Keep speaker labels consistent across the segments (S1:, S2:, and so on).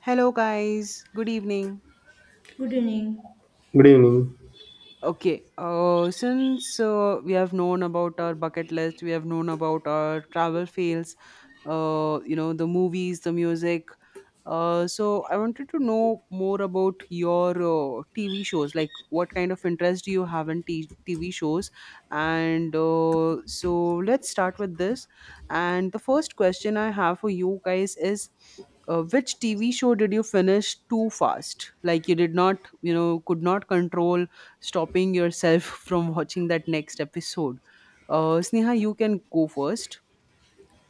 S1: Hello, guys. Good evening.
S2: Good evening.
S3: Good evening.
S1: Okay, since we have known about our bucket list, we have known about our travel fails, the movies, the music. So I wanted to know more about your TV shows. Like, what kind of interest do you have in TV shows? And so let's start with this. And the first question I have for you guys is, which TV show did you finish too fast? Like, you did not, you know, could not control stopping yourself from watching that next episode. Sneha, you can go first.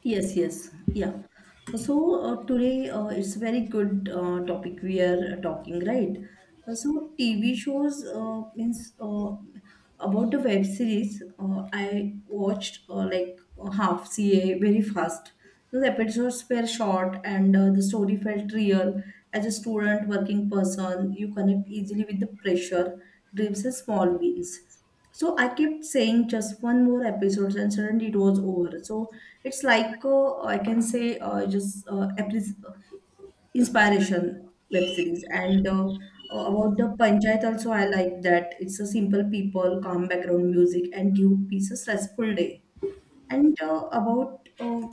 S2: Yes, yes, yeah. Today it's very good topic we are talking, right? So TV shows means about the web series. I watched like half CA very fast. The episodes were short and the story felt real. As a student, working person, you connect easily with the pressure, dreams, and small wins. So I kept saying just one more episode, and suddenly it was over. So it's like I can say just inspiration web series and about the panchayat also I like that it's a simple people calm background music and give peace a stressful day and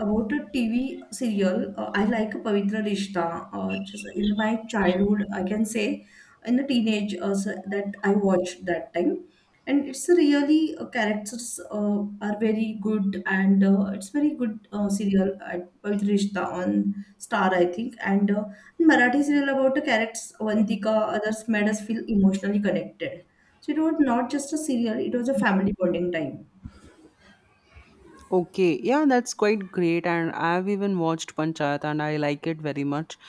S2: about a TV serial, I like Pavitra Rishta. Just in my childhood, I can say, in the teenage that I watched that time, and it's a really characters are very good, and it's very good serial at Pavitra Rishta on Star, I think, and Marathi serial about the characters Avantika, others made us feel emotionally connected. So it was not just a serial; it was a family bonding time.
S1: Okay, yeah, that's quite great, and I've even watched Panchayat, and I like it very much.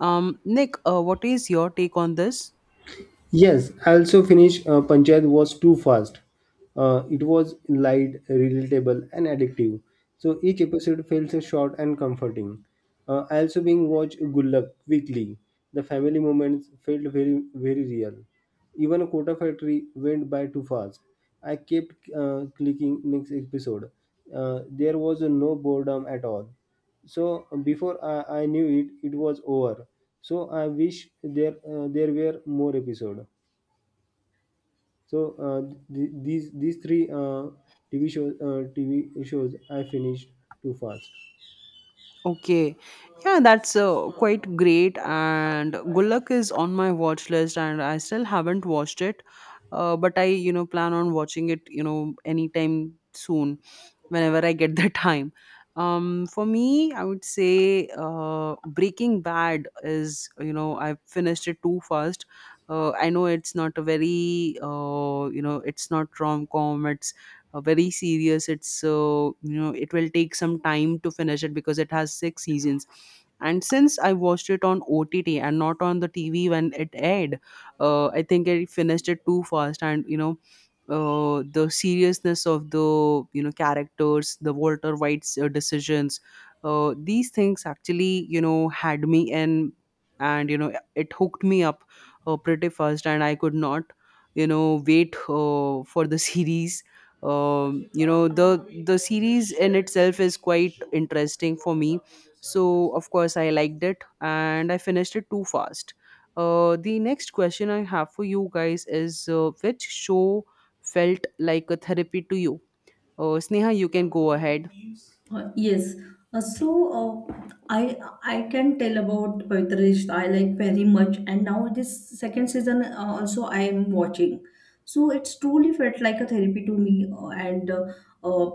S1: Nick, what is your take on this?
S3: Yes, I also finished Panchayat was too fast. It was light, relatable, and addictive. So each episode feels short and comforting. I also being watched Good Luck weekly. The family moments felt very, very real. Even Kota Factory went by too fast. I kept clicking next episode. There was no boredom at all. So before I knew it, it was over, so I wish there were more episode. So uh, these three tv shows I finished too fast.
S1: Okay. Yeah, that's quite great. And Good Luck is on my watch list, and I still haven't watched it. But I, you know, plan on watching it, you know, anytime soon, whenever I get the time. For me, I would say Breaking Bad is, you know, I finished it too fast. I know it's not a you know, it's not rom com, very serious. It's so, you know, it will take some time to finish it because it has 6 seasons, and since I watched it on OTT and not on the TV when it aired, I think I finished it too fast. And, you know, the seriousness of the, you know, characters, the Walter White's decisions, these things actually, you know, had me in, and, you know, it hooked me up pretty fast, and I could not, you know, wait for the series. You know, the series in itself is quite interesting for me, so of course I liked it and I finished it too fast. The next question I have for you guys is which show felt like a therapy to you? Sneha, you can go ahead.
S2: Uh, yes. Uh, so uh, I can tell about Pavitra Rishta. I like very much, and now this second season also I am watching. So it's truly felt like a therapy to me. And uh,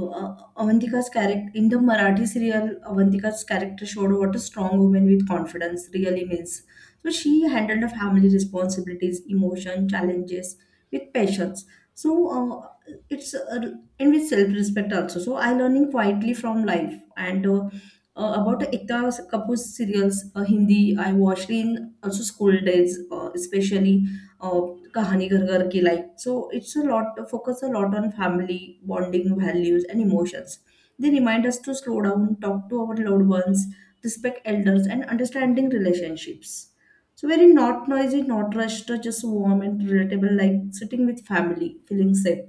S2: Avantika's character in the Marathi serial, Avantika's character showed what a strong woman with confidence really means. So she handled her family responsibilities, emotion, challenges with patience. So it's And with self-respect also. So I learning quietly from life and about Ekta Kapoor's serials, Hindi I watched in also school days, especially uh, Kahani Ghar Ghar Ki Life. So it's a lot focus a lot on family bonding values and emotions. They remind us to slow down, talk to our loved ones, respect elders, and understanding relationships. So very not noisy, not rushed, just warm and relatable, like sitting with family, feeling safe.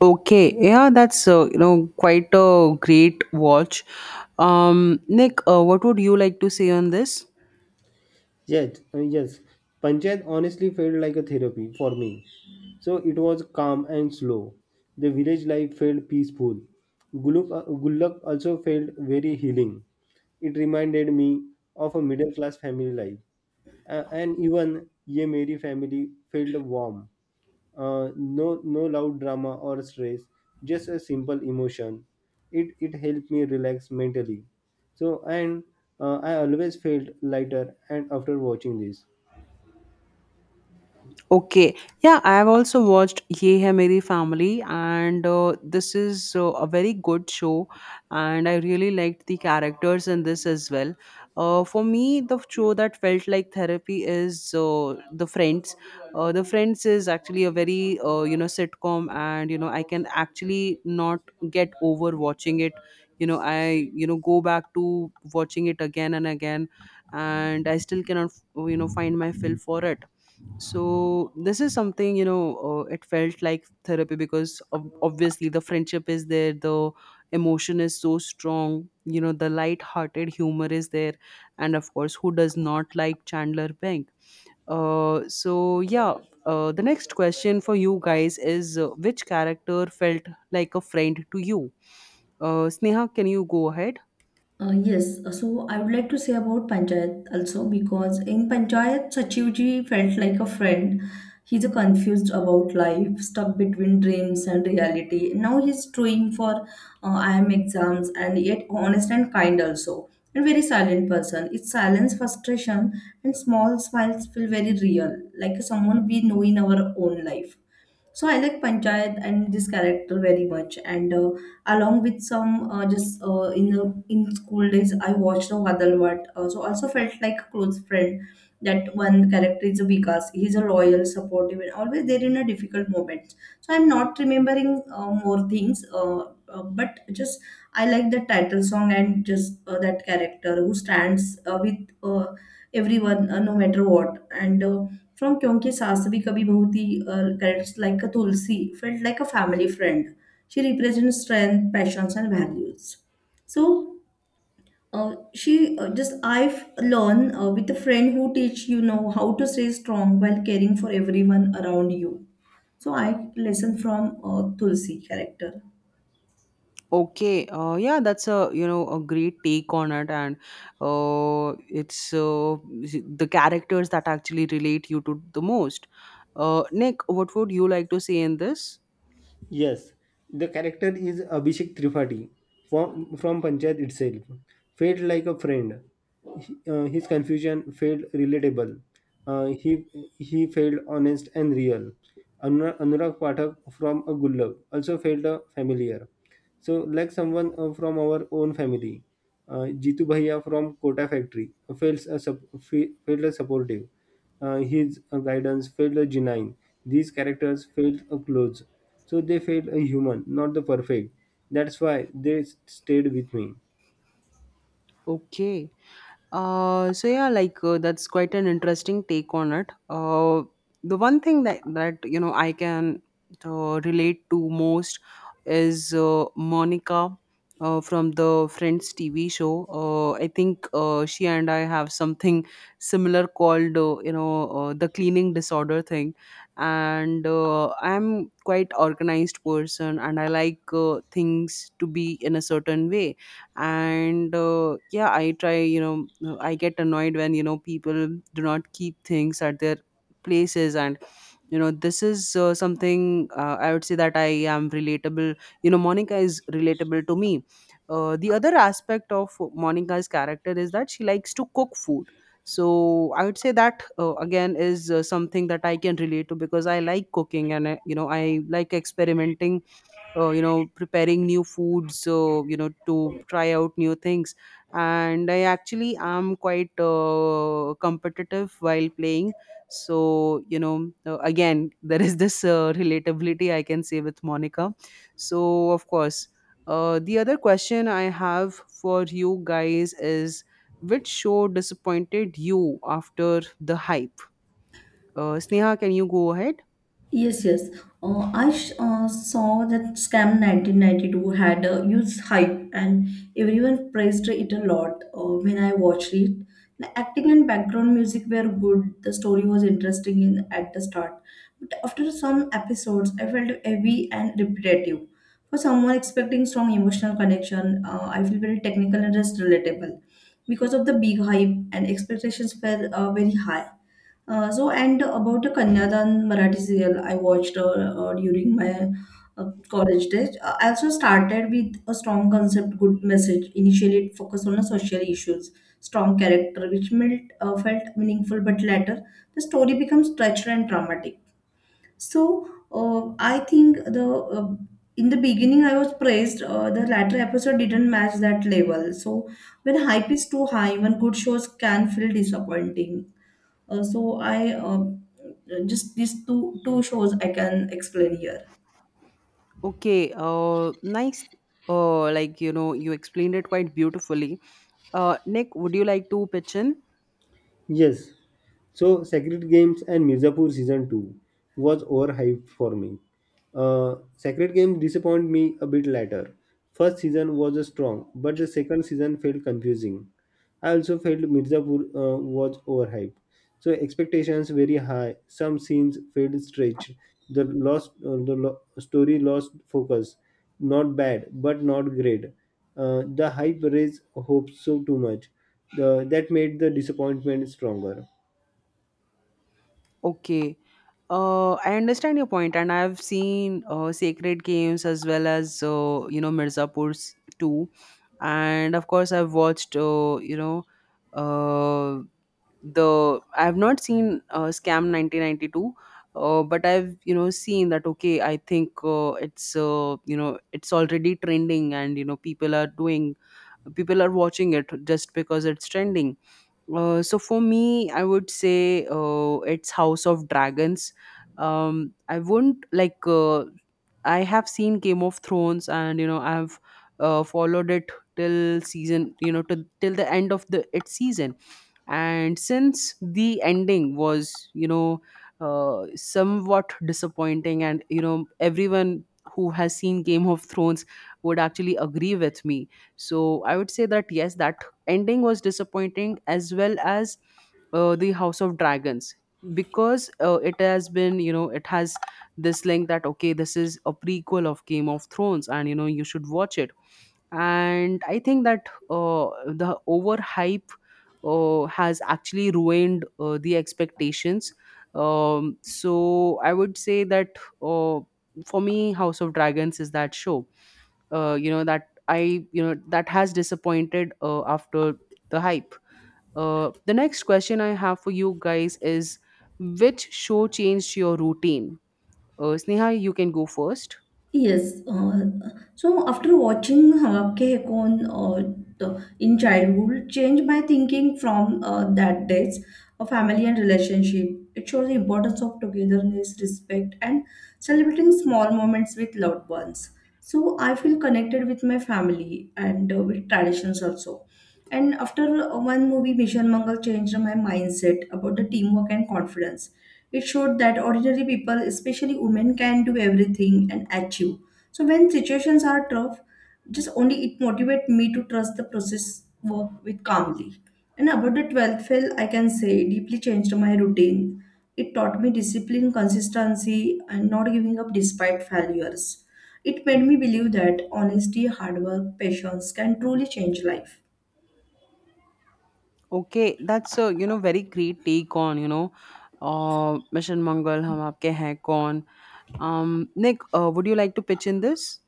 S1: Okay, yeah, that's you know quite a great watch. Nick, what would you like to say on this?
S3: Yes. Panchayat honestly felt like a therapy for me. So it was calm and slow. The village life felt peaceful. Gullak also felt very healing. It reminded me of a middle class family life. And even Ye Meri family felt warm. No, No loud drama or stress, just a simple emotion. It helped me relax mentally. So, and I always felt lighter and after watching this.
S1: Okay. Yeah, I have also watched Ye Hai Meri Family, and this is a very good show, and I really liked the characters in this as well. For me, the show that felt like therapy is The Friends. The Friends is actually a very you know sitcom, and you know I can actually not get over watching it. You know, I, you know, go back to watching it again and again, and I still cannot, you know, find my fill for it. So this is something, you know, it felt like therapy because obviously the friendship is there, the emotion is so strong, you know, the light hearted humor is there, and of course who does not like Chandler Bing? So yeah. The next question for you guys is which character felt like a friend to you? Sneha, can you go ahead?
S2: Yes, so I would like to say about Panchayat also because in Panchayat, Sachivji felt like a friend. He's a confused about life, stuck between dreams and reality. Now he's doing for IM exams and yet honest and kind also. And very silent person. It's silence, frustration, and small smiles feel very real, like someone we know in our own life. So I like Panchayat and this character very much. And Along with some just in the in school days, I watched the Vadalvat. So also felt like a close friend. That one character is Vikas. He's a loyal, supportive, and always there in a difficult moment. So I'm not remembering more things, but just I like the title song and just that character who stands with uh, everyone no matter what. And From Kyonki Saas Bhi Kabhi Bahu Thi, characters like a Tulsi felt like a family friend. She represents strength, passions, and values. So she just I've learned with a friend who teach you know how to stay strong while caring for everyone around you. So I lesson from Tulsi character.
S1: Okay, yeah, that's a, you know, a great take on it, and it's the characters that actually relate you to the most. Nick, what would you like to say in this?
S3: Yes, the character is Abhishek Tripathi from Panchayat itself. Felt like a friend. His confusion felt relatable. Uh, he he felt honest and real. Anurag Pathak from a Gullab also felt familiar. So like someone from our own family. Jitu Bhaiya from Kota Factory felt a supportive. His guidance felt genuine. These characters felt close, so they felt human, not the perfect. That's why they stayed with me.
S1: Okay. So yeah, like that's quite an interesting take on it. The one thing that you know I can relate to most is Monica from the Friends TV show. I think she and I have something similar called, the cleaning disorder thing, and I'm quite organized person, and I like things to be in a certain way. And yeah, I try, you know, I get annoyed when, you know, people do not keep things at their places. And, you know, this is something, I would say that I am relatable. You know, Monica is relatable to me. The other aspect of Monica's character is that she likes to cook food. So I would say that again is something that I can relate to because I like cooking, and I, you know, I like experimenting, you know, preparing new foods, so, you know, to try out new things. And I actually am quite competitive while playing, so, you know, again there is this relatability I can say with Monica. So of course, the other question I have for you guys is which show disappointed you after the hype? Sneha, can you go ahead?
S2: Yes, yes. Saw that Scam 1992 had a huge hype and everyone praised it a lot when I watched it. The acting and background music were good, the story was interesting in, at the start. But after some episodes, I felt heavy and repetitive. For someone expecting strong emotional connection, I feel very technical and just relatable. Because of the big hype and expectations were very high. So and about a Kanyadan Marathi serial I watched during my college days. I also started with a strong concept, good message. Initially, it focused on the social issues, strong character, which felt meaningful, but later the story becomes touched and dramatic. I think the in the beginning I was praised. The latter episode didn't match that level. So when hype is too high, even good shows can feel disappointing. So I Just these two shows I can explain here.
S1: Okay, nice. Like, you know, you explained it quite beautifully. Nick, would you like to pitch in?
S3: Yes, so Sacred Games and Mirzapur season two was overhyped for me. Sacred Games disappointed me a bit later. First season was strong, but the second season felt confusing. I also felt Mirzapur was overhyped. So expectations very high. Some scenes felt stretched. The story lost focus. Not bad, but not great. The hype raised hopes so too much. That made the disappointment stronger.
S1: Okay. I understand your point, and I've seen Sacred Games as well as, you know, Mirzapur's too, and of course I've watched, you know uh, the I have not seen Scam 1992, but I've, you know, seen that, okay, I think it's you know, it's already trending, and you know people are watching it just because it's trending. So for me, I would say it's House of Dragons. I wouldn't like I have seen Game of Thrones, and you know I've followed it till season you know to, till the end of the its season. And since the ending was, you know, somewhat disappointing, and, you know, everyone who has seen Game of Thrones would actually agree with me. So I would say that yes, that ending was disappointing, as well as the House of Dragons, because it has been, you know, it has this link that, okay, this is a prequel of Game of Thrones and you know you should watch it. And I think that the overhype has actually ruined the expectations. So I would say that, uh, for me, House of Dragons is that show you know that I, you know, that has disappointed after the hype. The next question I have for you guys is which show changed your routine? Sneha, you can go first.
S2: Yes. So after watching Habab Ke Kaun in childhood, changed my thinking from that days of family and relationship. It shows the importance of togetherness, respect, and celebrating small moments with loved ones. So I feel connected with my family and with traditions also. And after one movie, Mission Mangal changed my mindset about the teamwork and confidence it showed that ordinary people, especially women, can do everything and achieve. So when situations are tough, just only it motivates me to trust the process work with calmly. And about the 12th fail, I can say deeply changed my routine. It taught me discipline, consistency, and not giving up despite failures. It made me believe that honesty, hard work, patience can truly change life.
S1: Okay, that's a, you know, very great take on, you know, Mission Mangal, Hum Aapke Hain Kaun. Nick, would you like to pitch in this?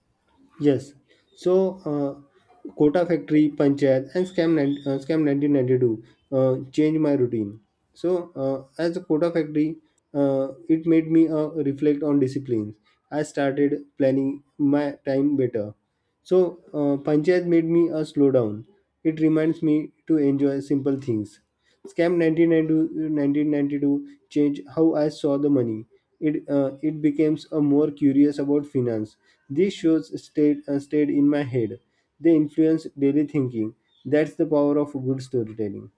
S3: Yes. So, Kota Factory, Panchayat, and Scam 1992 changed my routine. So, as a Kota Factory, it made me reflect on disciplines. I started planning my time better. So, Panchayat made me a slow down. It reminds me to enjoy simple things. Scam 1992 changed how I saw the money. It becomes a more curious about finance. These shows stayed in my head. They influence daily thinking. That's the power of good storytelling.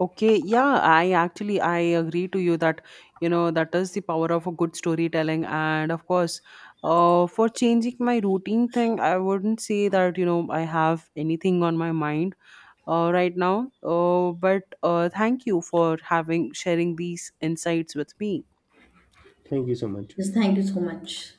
S1: Okay, yeah, I actually I agree to you that you know that is the power of a good storytelling. And of course, for changing my routine thing, I wouldn't say that you know I have anything on my mind right now. But thank you for having sharing these insights with me.
S3: Thank you so much.
S2: Yes, thank you so much.